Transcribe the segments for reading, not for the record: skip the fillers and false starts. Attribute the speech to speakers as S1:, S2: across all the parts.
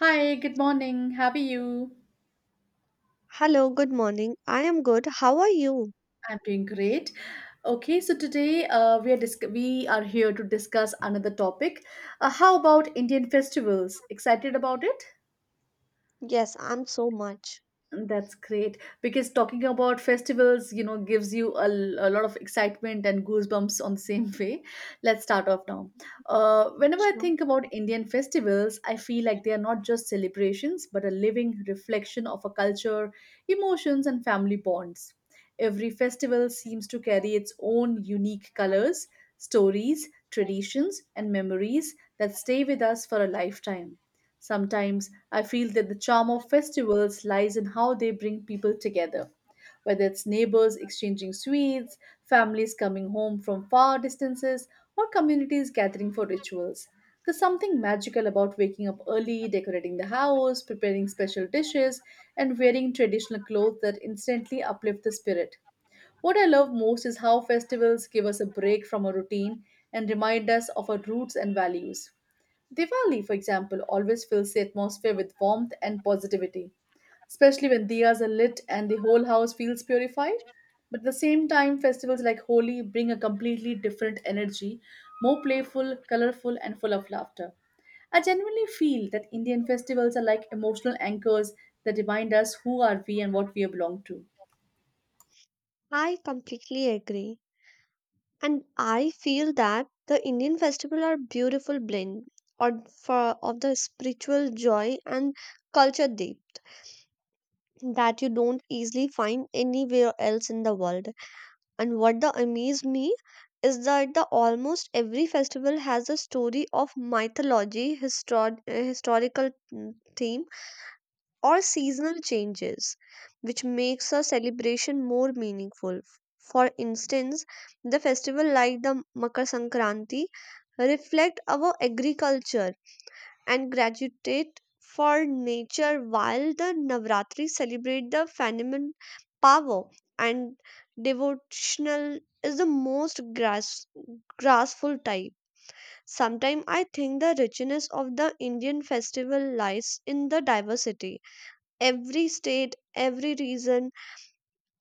S1: Hi, good morning. How are you?
S2: Hello, good morning. I am good. How are you?
S1: I'm doing great. Okay, so today we are disc we are here to discuss another topic. How about Indian festivals? Excited about it?
S2: Yes, I'm so much.
S1: That's great because talking about festivals, you know, gives you a lot of excitement and goosebumps on the same way. Let's start off now. Whenever I
S2: Sure.
S1: think about Indian festivals, I feel like they are not just celebrations but a living reflection of a culture, emotions, and family bonds. Every festival seems to carry its own unique colors, stories, traditions, and memories that stay with us for a lifetime. Sometimes I feel that the charm of festivals lies in how they bring people together. Whether it's neighbors exchanging sweets, families coming home from far distances, or communities gathering for rituals. There's something magical about waking up early, decorating the house, preparing special dishes, and wearing traditional clothes that instantly uplift the spirit. What I love most is how festivals give us a break from our routine and remind us of our roots and values. Diwali, for example, always fills the atmosphere with warmth and positivity, especially when diyas are lit and the whole house feels purified. But at the same time, festivals like Holi bring a completely different energy, more playful, colorful, and full of laughter. I genuinely feel that Indian festivals are like emotional anchors that remind us who are we and what we belong to.
S2: I completely agree. And I feel that the Indian festival are beautiful blend or for of the spiritual joy and culture deep that you don't easily find anywhere else in the world. And what the amaze me is that the almost every festival has a story of mythology, historical theme or seasonal changes, which makes a celebration more meaningful. For instance, the festival like the Makar Sankranti reflect our agriculture and gratitude for nature, while the Navratri celebrate the phenomenon power and devotional is the most graspful type. Sometimes I think the richness of the Indian festival lies in the diversity. Every state, every region,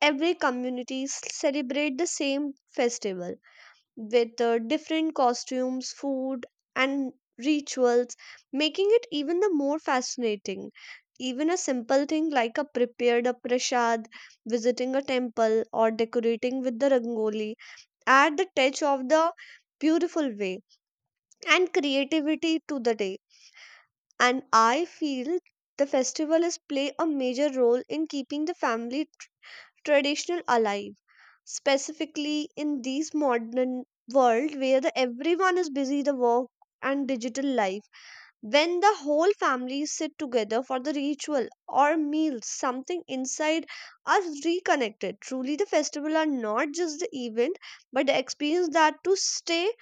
S2: every celebrate the same festival with different costumes, food, and rituals, making it even the more fascinating. Even a simple thing like a prepared a prasad, visiting a temple, or decorating with the rangoli add the touch of the beautiful way and creativity to the day. And I feel the festival is play a major role in keeping the family traditional alive, specifically in this modern world where the everyone is busy the work and digital life. When the whole family sit together for the ritual or meals, something inside us reconnected. Truly the festival are not just the event, but the experience that to stay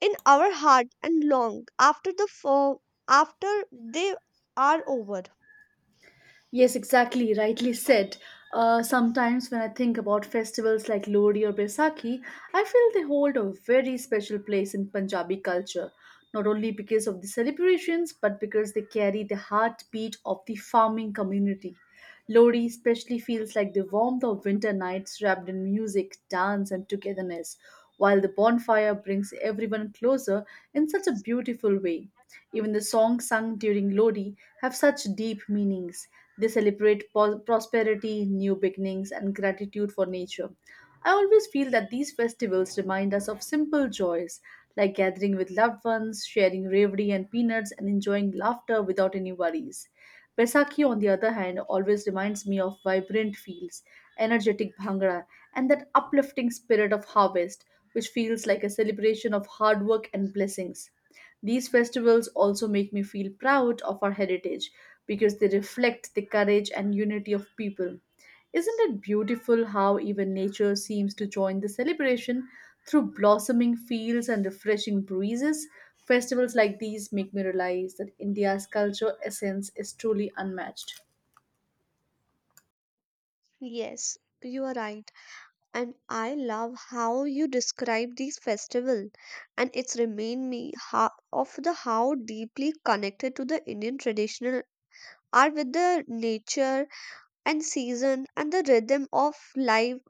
S2: in our heart and long after after they are over.
S1: Yes, exactly, rightly said. Sometimes when I think about festivals like Lodi or Baisakhi, I feel they hold a very special place in Punjabi culture, not only because of the celebrations, but because they carry the heartbeat of the farming community. Lodi especially feels like the warmth of winter nights wrapped in music, dance, and togetherness, while the bonfire brings everyone closer in such a beautiful way. Even the songs sung during Lodi have such deep meanings they celebrate prosperity, new beginnings, and gratitude for nature. I always feel that these festivals remind us of simple joys like gathering with loved ones, sharing ravi and peanuts, and enjoying laughter without any worries. Besakhi, on the other hand, always reminds me of vibrant fields, energetic bhangra, and that uplifting spirit of harvest, which feels like a celebration of hard work and blessings. These festivals also make me feel proud of our heritage because they reflect the courage and unity of people. Isn't it beautiful how even nature seems to join the celebration through blossoming fields and refreshing breezes? Festivals like these make me realize that India's culture essence is truly unmatched.
S2: Yes, you are right, and I love how you describe these festival. And it's remind me how, of the how deeply connected to the Indian traditional are with the nature and season and the rhythm of life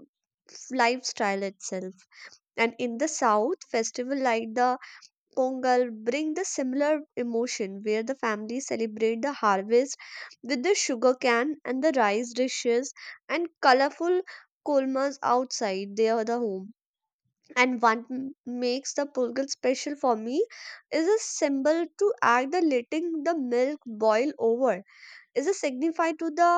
S2: lifestyle itself. And in the south, festival like the pongal bring the similar emotion, where the family celebrate the harvest with the sugar cane and the rice dishes and colorful kolmas outside their the home. And makes the purgal special for me is a symbol to act the letting the milk boil over is a signify to the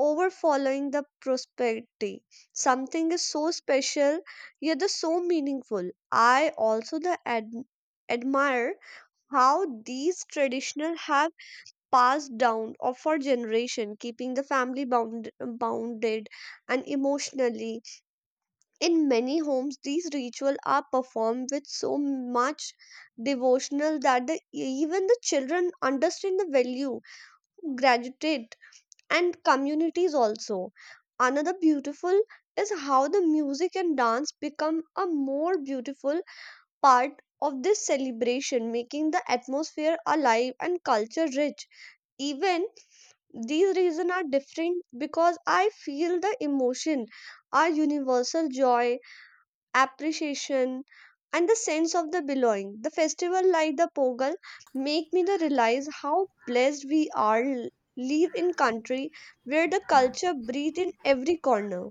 S2: over following the prosperity. Something is so special yet the so meaningful. I also admire how these traditional have passed down or for generation, keeping the family bounded and emotionally. In many homes, these rituals are performed with so much devotional that the, even the children understand the value, gratitude, and communities also. Another beautiful is how the music and dance become a more beautiful part of this celebration, making the atmosphere alive and culture rich. Even these reasons are different because I feel the emotion, our universal joy, appreciation and the sense of the belonging. The festival like the Pogal make me to realize how blessed we are live in country where the culture breathe in every corner.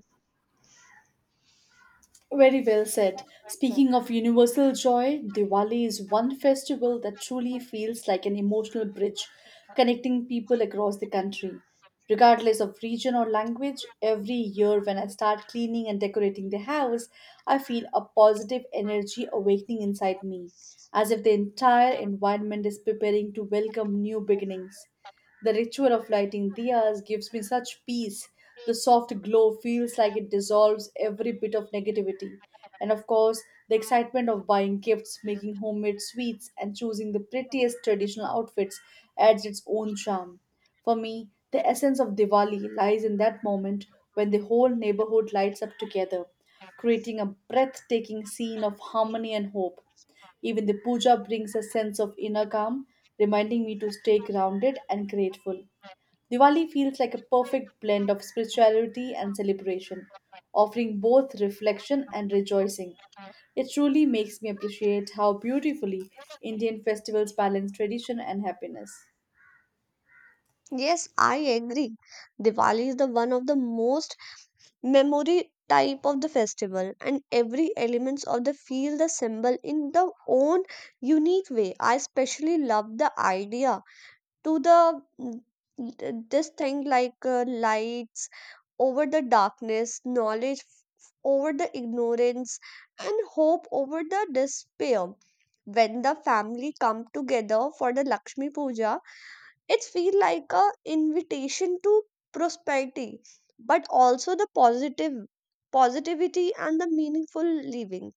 S1: Very well said. Speaking of universal joy, Diwali is one festival that truly feels like an emotional bridge connecting people across the country. Regardless of region or language, every year when I start cleaning and decorating the house, I feel a positive energy awakening inside me, as if the entire environment is preparing to welcome new beginnings. The ritual of lighting diyas gives me such peace. The soft glow feels like it dissolves every bit of negativity. And of course, the excitement of buying gifts, making homemade sweets, and choosing the prettiest traditional outfits adds its own charm. For me, the essence of Diwali lies in that moment when the whole neighborhood lights up together, creating a breathtaking scene of harmony and hope. Even the puja brings a sense of inner calm, reminding me to stay grounded and grateful. Diwali feels like a perfect blend of spirituality and celebration, offering both reflection and rejoicing. It truly makes me appreciate how beautifully Indian festivals balance tradition and happiness.
S2: Yes, I agree. Diwali is the one of the most memory type of the festival, and every elements of the feel the symbol in the own unique way. I especially love the idea to the mm, this thing like lights over the darkness, knowledge over the ignorance, and hope over the despair. When the family come together for the lakshmi puja, it feel like a invitation to prosperity, but also the positive positivity and the meaningful living.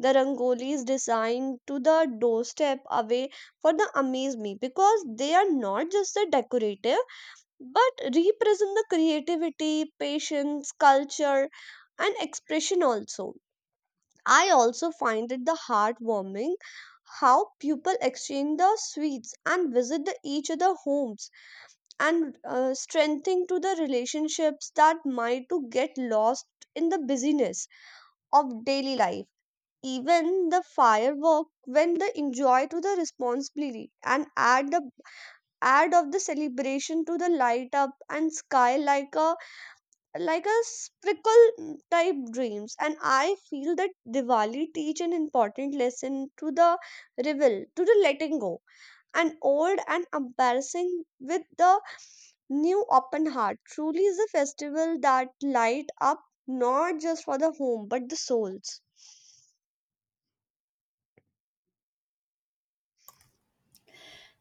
S2: The rangolis designed to the doorstep away for the amaze me, because they are not just the decorative but represent the creativity, patience, culture and expression also. I also find it the heartwarming how people exchange the sweets and visit the each other homes, and strengthening to the relationships that might to get lost in the busyness of daily life. Even the firework when the enjoy to the responsibility and add the add of the celebration to the light up and sky like a sprinkle type dreams. And I feel that Diwali teach an important lesson to the revel to the letting go and old and embarrassing with the new open heart. Truly is a festival that light up not just for the home but the souls.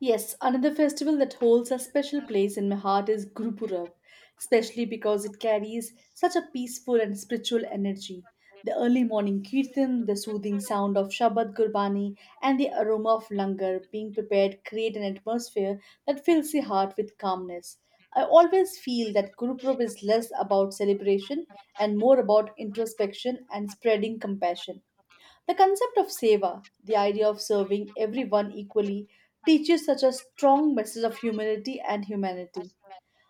S1: Yes, another festival that holds a special place in my heart is Gurupurab, especially because it carries such a peaceful and spiritual energy. The early morning kirtan, the soothing sound of Shabad Gurbani, and the aroma of langar being prepared create an atmosphere that fills the heart with calmness. I always feel that Gurupurab is less about celebration and more about introspection and spreading compassion. The concept of seva, the idea of serving everyone equally, teaches such a strong message of humility and humanity.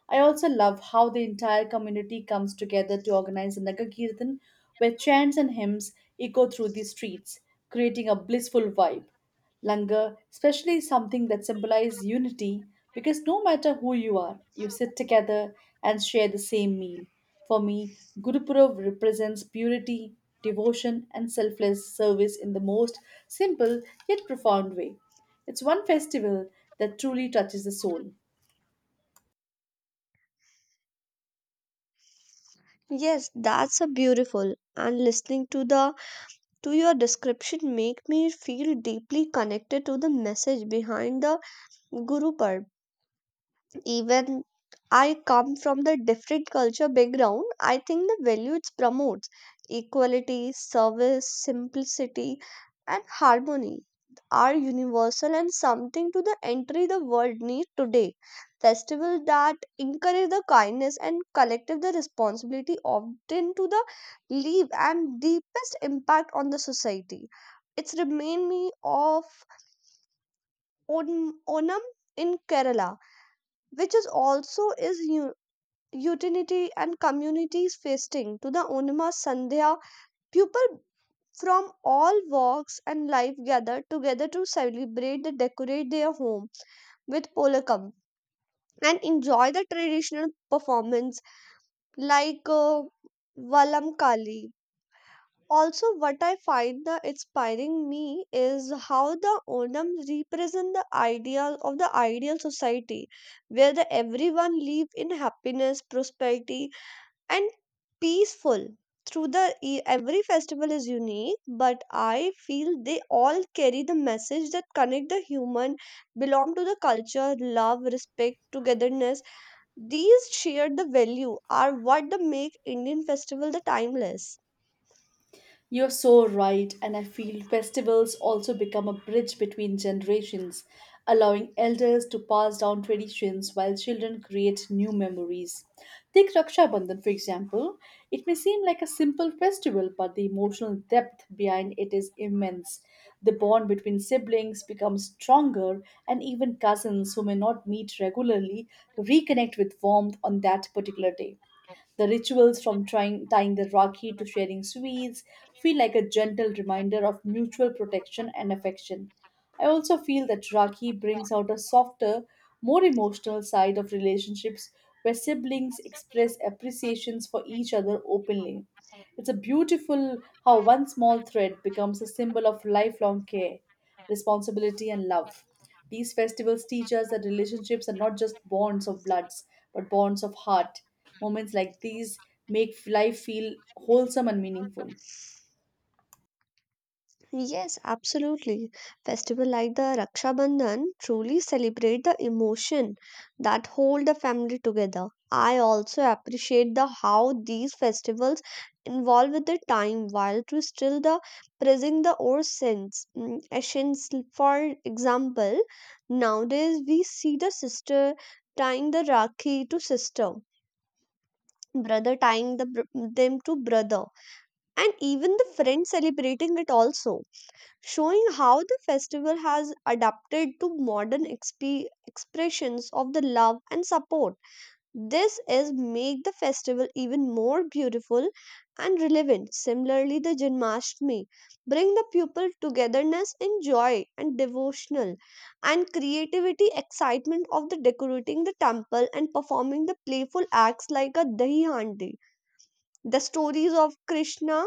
S1: I also love how the entire community comes together to organize a Nagar Kirtan, where chants and hymns echo through the streets, creating a blissful vibe. Langar, especially something that symbolizes unity because no matter who you are, you sit together and share the same meal. For me, Gurupurab represents purity, devotion, and selfless service in the most simple yet profound way. It's one festival that truly touches the soul.
S2: Yes, that's a beautiful. And listening to the to your description make me feel deeply connected to the message behind the Guru Parv. Even I come from the different culture background, I think the value it promotes, equality, service, simplicity, and harmony, are universal and something to the entry the world need today. Festival that encourage the kindness and collective the responsibility often to the leave and deepest impact on the society. It's remind me of Onam in Kerala, which is also is utility and communities feasting to the Onima Sandhya. People from all walks and life gather together to celebrate and decorate their home with polakam and enjoy the traditional performance like Valam Kali. Also, what I find the inspiring me is how the Onam represent the ideal of the ideal society, where the everyone live in happiness, prosperity, and peaceful through the every festival is unique, but I feel they all carry the message that connect the human belong to the culture, love, respect, togetherness. These shared the value are what the make Indian festival the timeless.
S1: You're so right, and I feel festivals also become a bridge between generations, allowing elders to pass down traditions while children create new memories. Take Raksha Bandhan, for example. It may seem like a simple festival, but the emotional depth behind it is immense. The bond between siblings becomes stronger, and even cousins who may not meet regularly reconnect with warmth on that particular day. The rituals from trying, tying the rakhi to sharing sweets feel like a gentle reminder of mutual protection and affection. I also feel that rakhi brings out a softer, more emotional side of relationships where siblings express appreciations for each other openly. It's a beautiful how one small thread becomes a symbol of lifelong care, responsibility, and love. These festivals teach us that relationships are not just bonds of bloods, but bonds of heart. Moments like these make life feel wholesome and meaningful.
S2: Yes, absolutely. Festival like the Raksha Bandhan truly celebrate the emotion that hold the family together. I also appreciate the how these festivals involve with the time while to still the praising the old sense essence. For example, nowadays we see the sister tying the rakhi to sister, brother tying the them to brother, and even the friend celebrating it also, showing how the festival has adapted to modern expressions of the love and support. This is make the festival even more beautiful and relevant. Similarly, the janmashtami bring the people togetherness in joy and devotional and creativity, excitement of the decorating the temple and performing the playful acts like a dahi handi. The stories of Krishna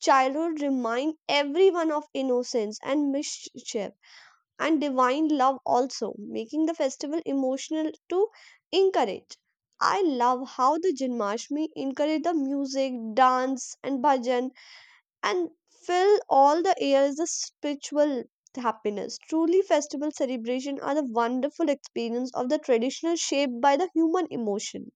S2: childhood remind everyone of innocence and mischief and divine love also, making the festival emotional to encourage. I love how the Janmashtami encourage the music, dance and bhajan, and fill all the airs with spiritual happiness. Truly festival celebration are the wonderful experience of the traditional shaped by the human emotion.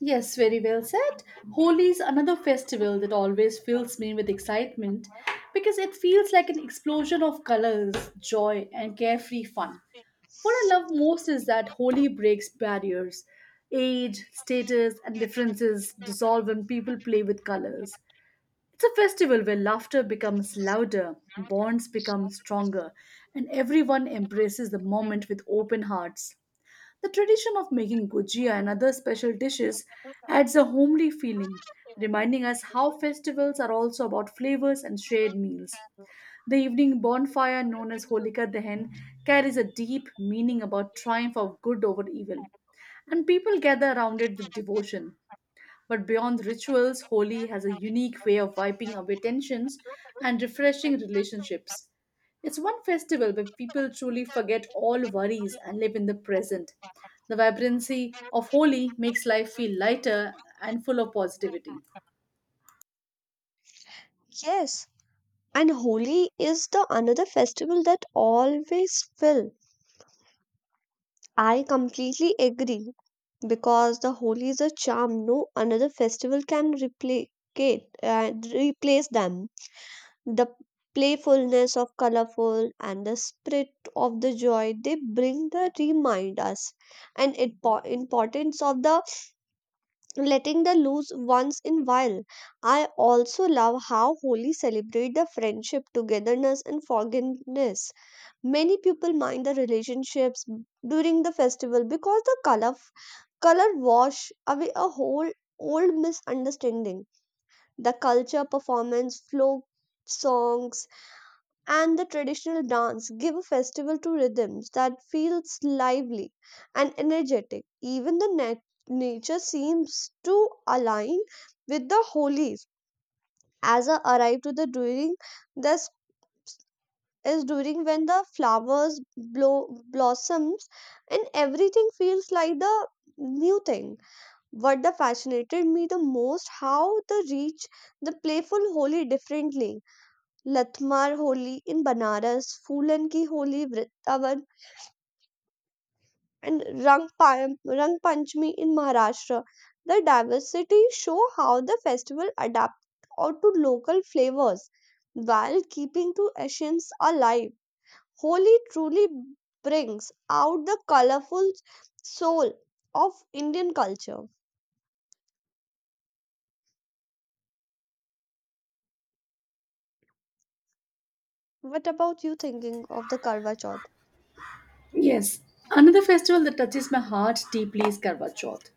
S1: Yes, very well said. Holi is another festival that always fills me with excitement because it feels like an explosion of colors, joy, and carefree fun. What I love most is that Holi breaks barriers. Age, status, and differences dissolve when people play with colors. It's a festival where laughter becomes louder, bonds become stronger, and everyone embraces the moment with open hearts. The tradition of making gujia and other special dishes adds a homely feeling, reminding us how festivals are also about flavors and shared meals. The evening bonfire known as Holika Dahan, carries a deep meaning about triumph of good over evil, and people gather around it with devotion, but beyond rituals, Holi has a unique way of wiping away tensions and refreshing relationships. It's one festival where people truly forget all worries and live in the present. The vibrancy of Holi makes life feel lighter and full of positivity.
S2: Yes. And Holi is the another festival that always fill. I completely agree, because the Holi is a charm no another festival can replicate replace them. The playfulness of colorful and the spirit of the joy they bring the remind us and it importance of the letting the loose once in while. I also love how Holi celebrate the friendship, togetherness and forgiveness. Many people mind the relationships during the festival, because the color wash away a whole old misunderstanding. The culture, performance, folk songs, and the traditional dance give a festival to rhythms that feels lively and energetic. Even the nature seems to align with the holies. As I arrived to the during the is during when the flowers blow blossoms and everything feels like the new thing. What the fascinated me the most how the reach the playful holi differently, latmar holi in banaras, fulan ki holi vrindavan, and rang panchmi in maharashtra. The diversity show how the festival adapt or to local flavors while keeping to essence alive. Holi truly brings out the colorful soul of Indian culture. What about you thinking of the Karwa Chauth?
S1: Yes, another festival that touches my heart deeply is Karwa Chauth,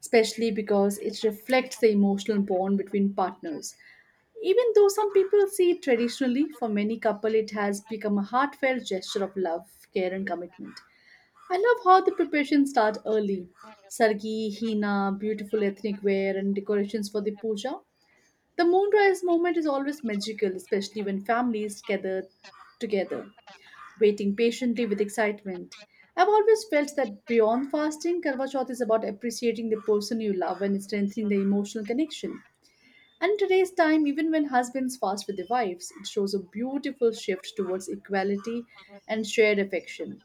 S1: especially because it reflects the emotional bond between partners. Even though some people see it traditionally, for many couple it has become a heartfelt gesture of love, care and commitment. I love how the preparations start early. Sargi, Hina, beautiful ethnic wear and decorations for the puja. The moonrise moment is always magical, especially when families gather together waiting patiently with excitement. I've always felt that beyond fasting, Karwa Chauth is about appreciating the person you love and strengthening the emotional connection. And in today's time, even when husbands fast with their wives, it shows a beautiful shift towards equality and shared affection.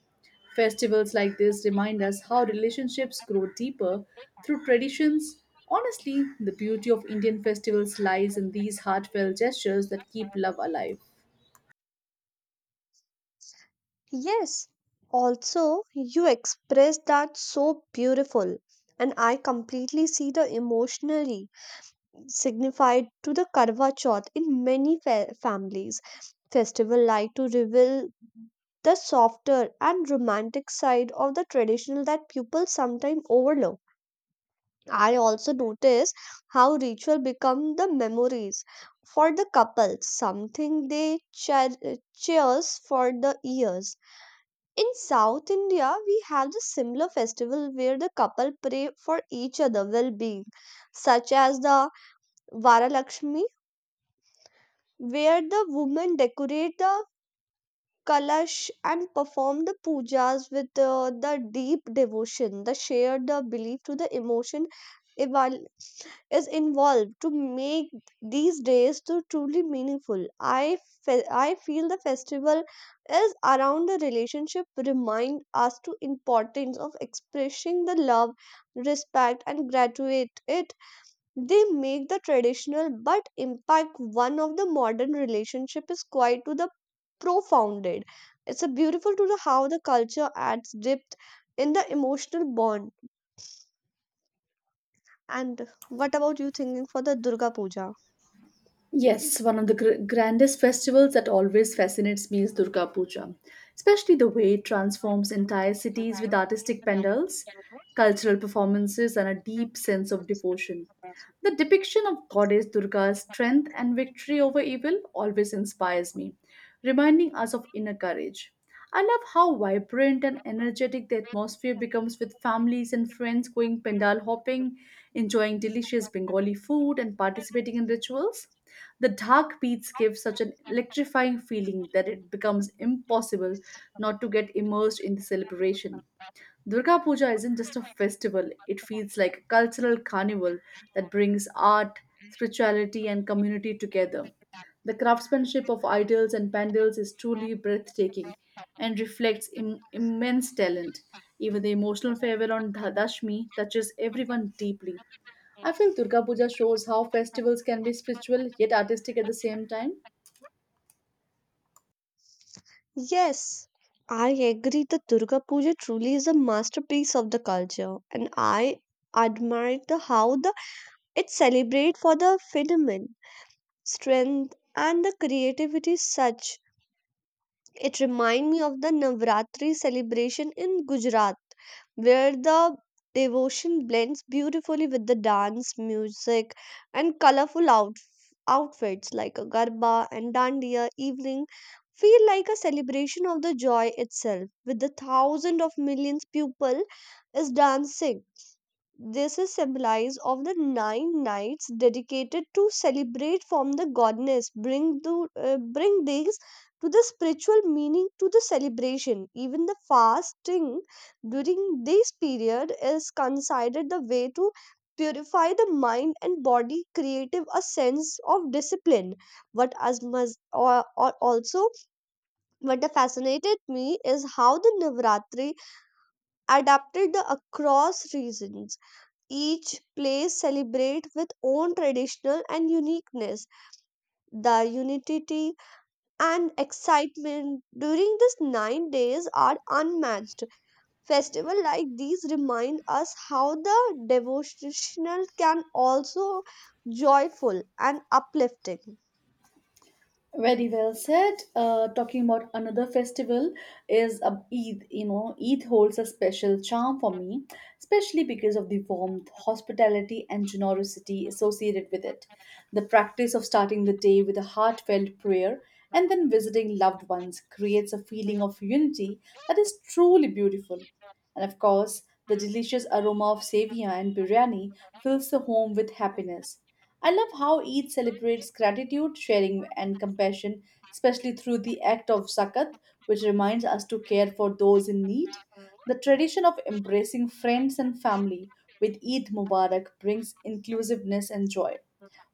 S1: Festivals like this remind us how relationships grow deeper through traditions. Honestly, the beauty of Indian festivals lies in these heartfelt gestures that keep love alive.
S2: Yes, also you express that so beautiful, and I completely see the emotionally signified to the Karwa Chauth in many families. Festival like to reveal the softer and romantic side of the traditional that people sometimes overlook. I also notice how ritual become the memories for the couple, something they cheers for the years. In South India, we have the similar festival where the couple pray for each other well-being, such as the Varalakshmi, where the women decorate the kalash and perform the pujas with the deep devotion. The shared the belief to the emotion is involved to make these days to truly meaningful. I feel the festival is around the relationship remind us to importance of expressing the love, respect and graduate it. They make the traditional but impact one of the modern relationship is quite to the profounded. It's a beautiful to the how the culture adds depth in the emotional bond. And what about you thinking for the Durga Puja?
S1: Yes, one of the grandest festivals that always fascinates me is Durga Puja, especially the way it transforms entire cities with artistic pandals, cultural performances, and a deep sense of devotion. The depiction of Goddess Durga's strength and victory over evil always inspires me, reminding us of inner courage. I love how vibrant and energetic the atmosphere becomes with families and friends going pandal hopping, enjoying delicious Bengali food, and participating in rituals. The dark beats give such an electrifying feeling that it becomes impossible not to get immersed in the celebration. Durga Puja isn't just a festival, it feels like a cultural carnival that brings art, spirituality, and community together. The craftsmanship of idols and pandals is truly breathtaking and reflects immense talent. Even the emotional farewell on Dashmi touches everyone deeply. I feel Durga Puja shows how festivals can be spiritual yet artistic at the same time.
S2: Yes, I agree. The Durga Puja truly is a masterpiece of the culture, and I admire the how the it celebrate for the phenomenon, strength and the creativity such. It reminds me of the Navratri celebration in Gujarat, where the devotion blends beautifully with the dance, music, and colorful outfits like a garba and dandiya evening feel like a celebration of the joy itself, with the thousands of millions people is dancing. This is symbolized of the 9 nights dedicated to celebrate from the goddess, bring these to the spiritual meaning to the celebration. Even the fasting during this period is considered the way to purify the mind and body, creative a sense of discipline. What as much or also what fascinated me is how the Navratri adapted the across regions, each place celebrate with own traditional and uniqueness. The unity and excitement during these 9 days are unmatched. Festival like these remind us how the devotional can also joyful and uplifting.
S1: Very well said. Talking about another festival is Eid. You know, Eid holds a special charm for me, especially because of the warmth, hospitality, and generosity associated with it. The practice of starting the day with a heartfelt prayer and then visiting loved ones creates a feeling of unity that is truly beautiful. And of course, the delicious aroma of sevia and biryani fills the home with happiness. I love how Eid celebrates gratitude, sharing, and compassion, especially through the act of zakat, which reminds us to care for those in need. The tradition of embracing friends and family with Eid Mubarak brings inclusiveness and joy.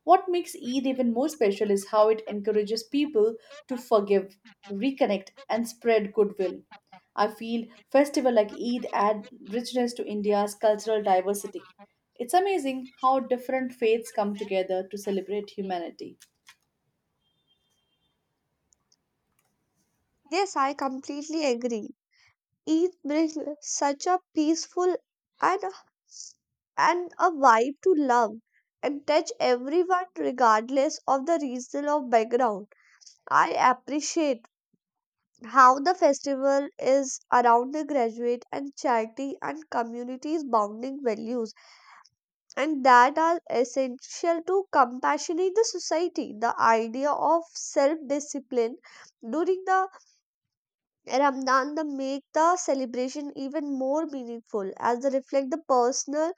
S1: What makes Eid even more special is how it encourages people to forgive, reconnect, and spread goodwill. I feel festival like Eid add richness to India's cultural diversity. It's amazing how different faiths come together to celebrate humanity.
S2: Yes, I completely agree. It brings such a peaceful and a, and a vibe to love and touch everyone regardless of the region or background. I appreciate how the festival is around the graduate and charity and communities bounding values and that are essential to compassionate the society. The idea of self-discipline during the Ramadan the make the celebration even more meaningful as they reflect the personal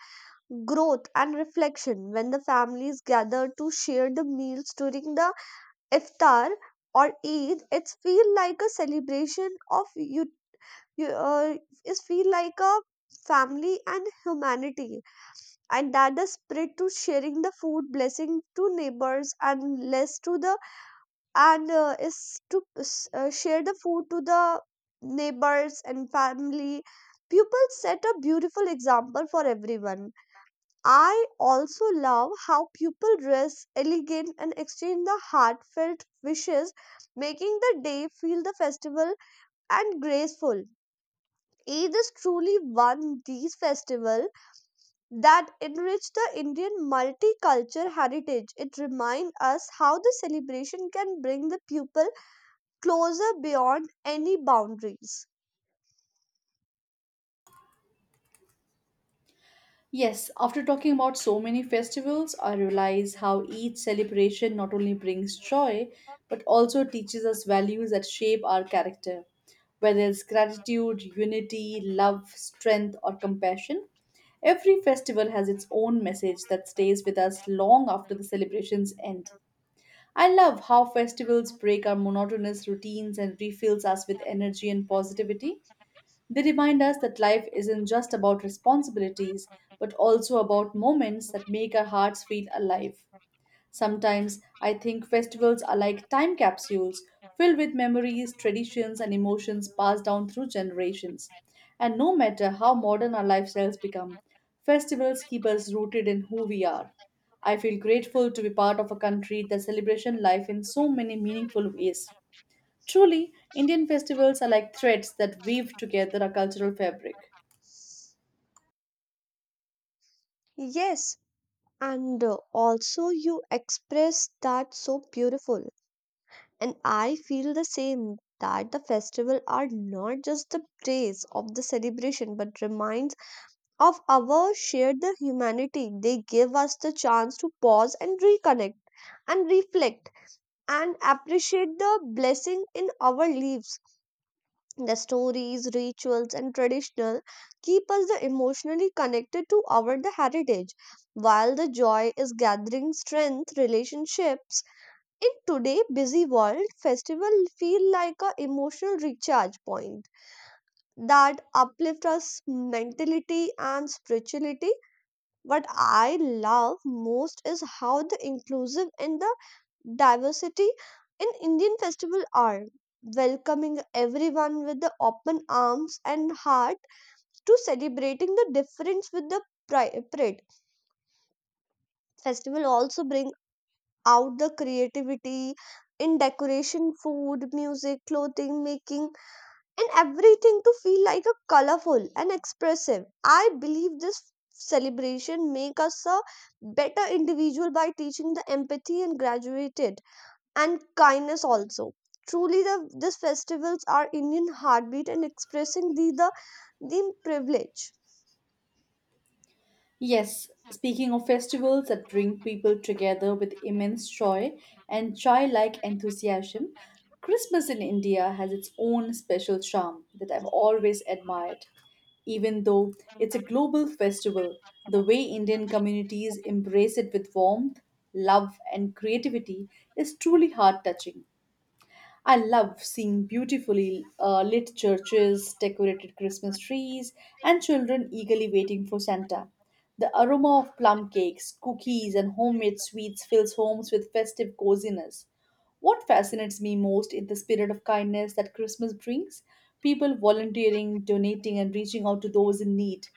S2: growth and reflection when the families gather to share the meals during the iftar or Eid. It's feel like a celebration of you, you it feel like a family and humanity, and that the spirit to sharing the food blessing to neighbors and less to the and is to share the food to the neighbors and family pupils set a beautiful example for everyone. I also love how people dress elegant and exchange the heartfelt wishes, making the day feel the festival and graceful. Eid is truly one these festival that enrich the Indian multicultural heritage. It reminds us how the celebration can bring the people closer beyond any boundaries.
S1: Yes, after talking about so many festivals, I realize how each celebration not only brings joy but also teaches us values that shape our character. Whether it's gratitude, unity, love, strength, or compassion, every festival has its own message that stays with us long after the celebrations end. I love how festivals break our monotonous routines and refills us with energy and positivity. They remind us that life isn't just about responsibilities, but also about moments that make our hearts feel alive. Sometimes I think festivals are like time capsules filled with memories, traditions, and emotions passed down through generations. And no matter how modern our lifestyles become, festivals keep us rooted in who we are. I feel grateful to be part of a country that celebrates life in so many meaningful ways. Truly, Indian festivals are like threads that weave together our cultural fabric.
S2: Yes, and also you express that so beautiful. And I feel the same that the festival are not just the praise of the celebration but reminds of our shared the humanity. They give us the chance to pause and reconnect and reflect and appreciate the blessing in our lives. The stories, rituals, and traditional keep us the emotionally connected to our the heritage. While the joy is gathering strength, relationships in today busy world, festival feel like a emotional recharge point that uplift us mentality and spirituality. What I love most is how the inclusive and the diversity in Indian festival are welcoming everyone with the open arms and heart to celebrating the difference with the pride. Festival also bring out the creativity in decoration, food, music, clothing making, and everything to feel like a colorful and expressive. I believe this celebration make us a better individual by teaching the empathy and graduated and kindness also. Truly, these festivals are Indian heartbeat and expressing the privilege.
S1: Yes, speaking of festivals that bring people together with immense joy and childlike enthusiasm, Christmas in India has its own special charm that I've always admired. Even though it's a global festival, the way Indian communities embrace it with warmth, love, and creativity is truly heart touching. I love seeing beautifully lit churches, decorated Christmas trees, and children eagerly waiting for Santa. The aroma of plum cakes, cookies, and homemade sweets fills homes with festive coziness. What fascinates me most is the spirit of kindness that Christmas brings people volunteering, donating, and reaching out to those in need.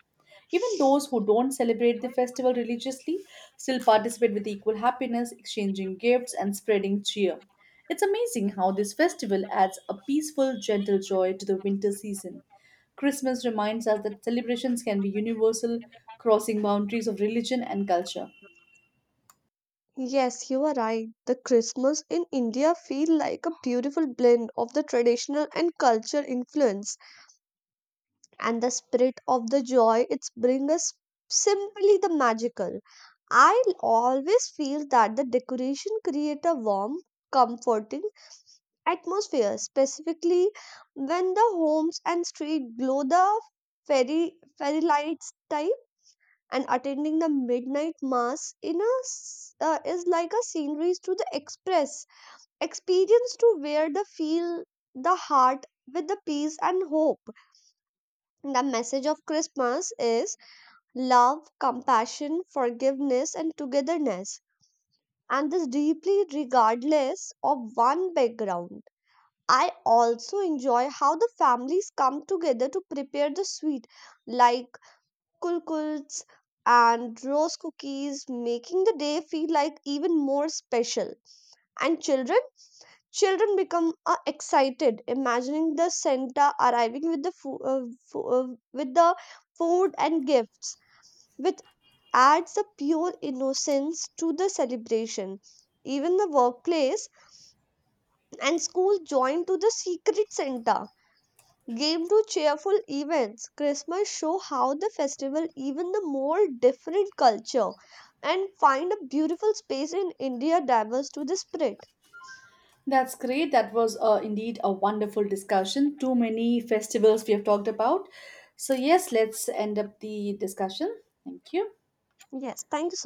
S1: Even those who don't celebrate the festival religiously still participate with equal happiness, exchanging gifts and spreading cheer. It's amazing how this festival adds a peaceful, gentle joy to the winter season. Christmas reminds us that celebrations can be universal, crossing boundaries of religion and culture.
S2: Yes, you are right. The Christmas in India feel like a beautiful blend of the traditional and cultural influence, and the spirit of the joy it's bring us simply the magical. I always feel that the decoration create a warm, comforting atmosphere, specifically when the homes and street glow the fairy lights type. And attending the midnight mass in is like a scenery to the express experience to where the feel the heart with the peace and hope. The message of Christmas is love, compassion, forgiveness, and togetherness. And this deeply regardless of one background. I also enjoy how the families come together to prepare the sweet, like kulkults and rose cookies, making the day feel like even more special. And children, children become excited, imagining the Santa arriving with fo- uh, with the food and gifts, which adds a pure innocence to the celebration. Even the workplace and school join to the secret Santa game to cheerful events. Christmas show how the festival even the more different culture and find a beautiful space in India diverse to the spirit.
S1: That's great. That was indeed a wonderful discussion. Too many festivals we have talked about. So, yes, let's end up the discussion. Thank you.
S2: Yes, thank you so.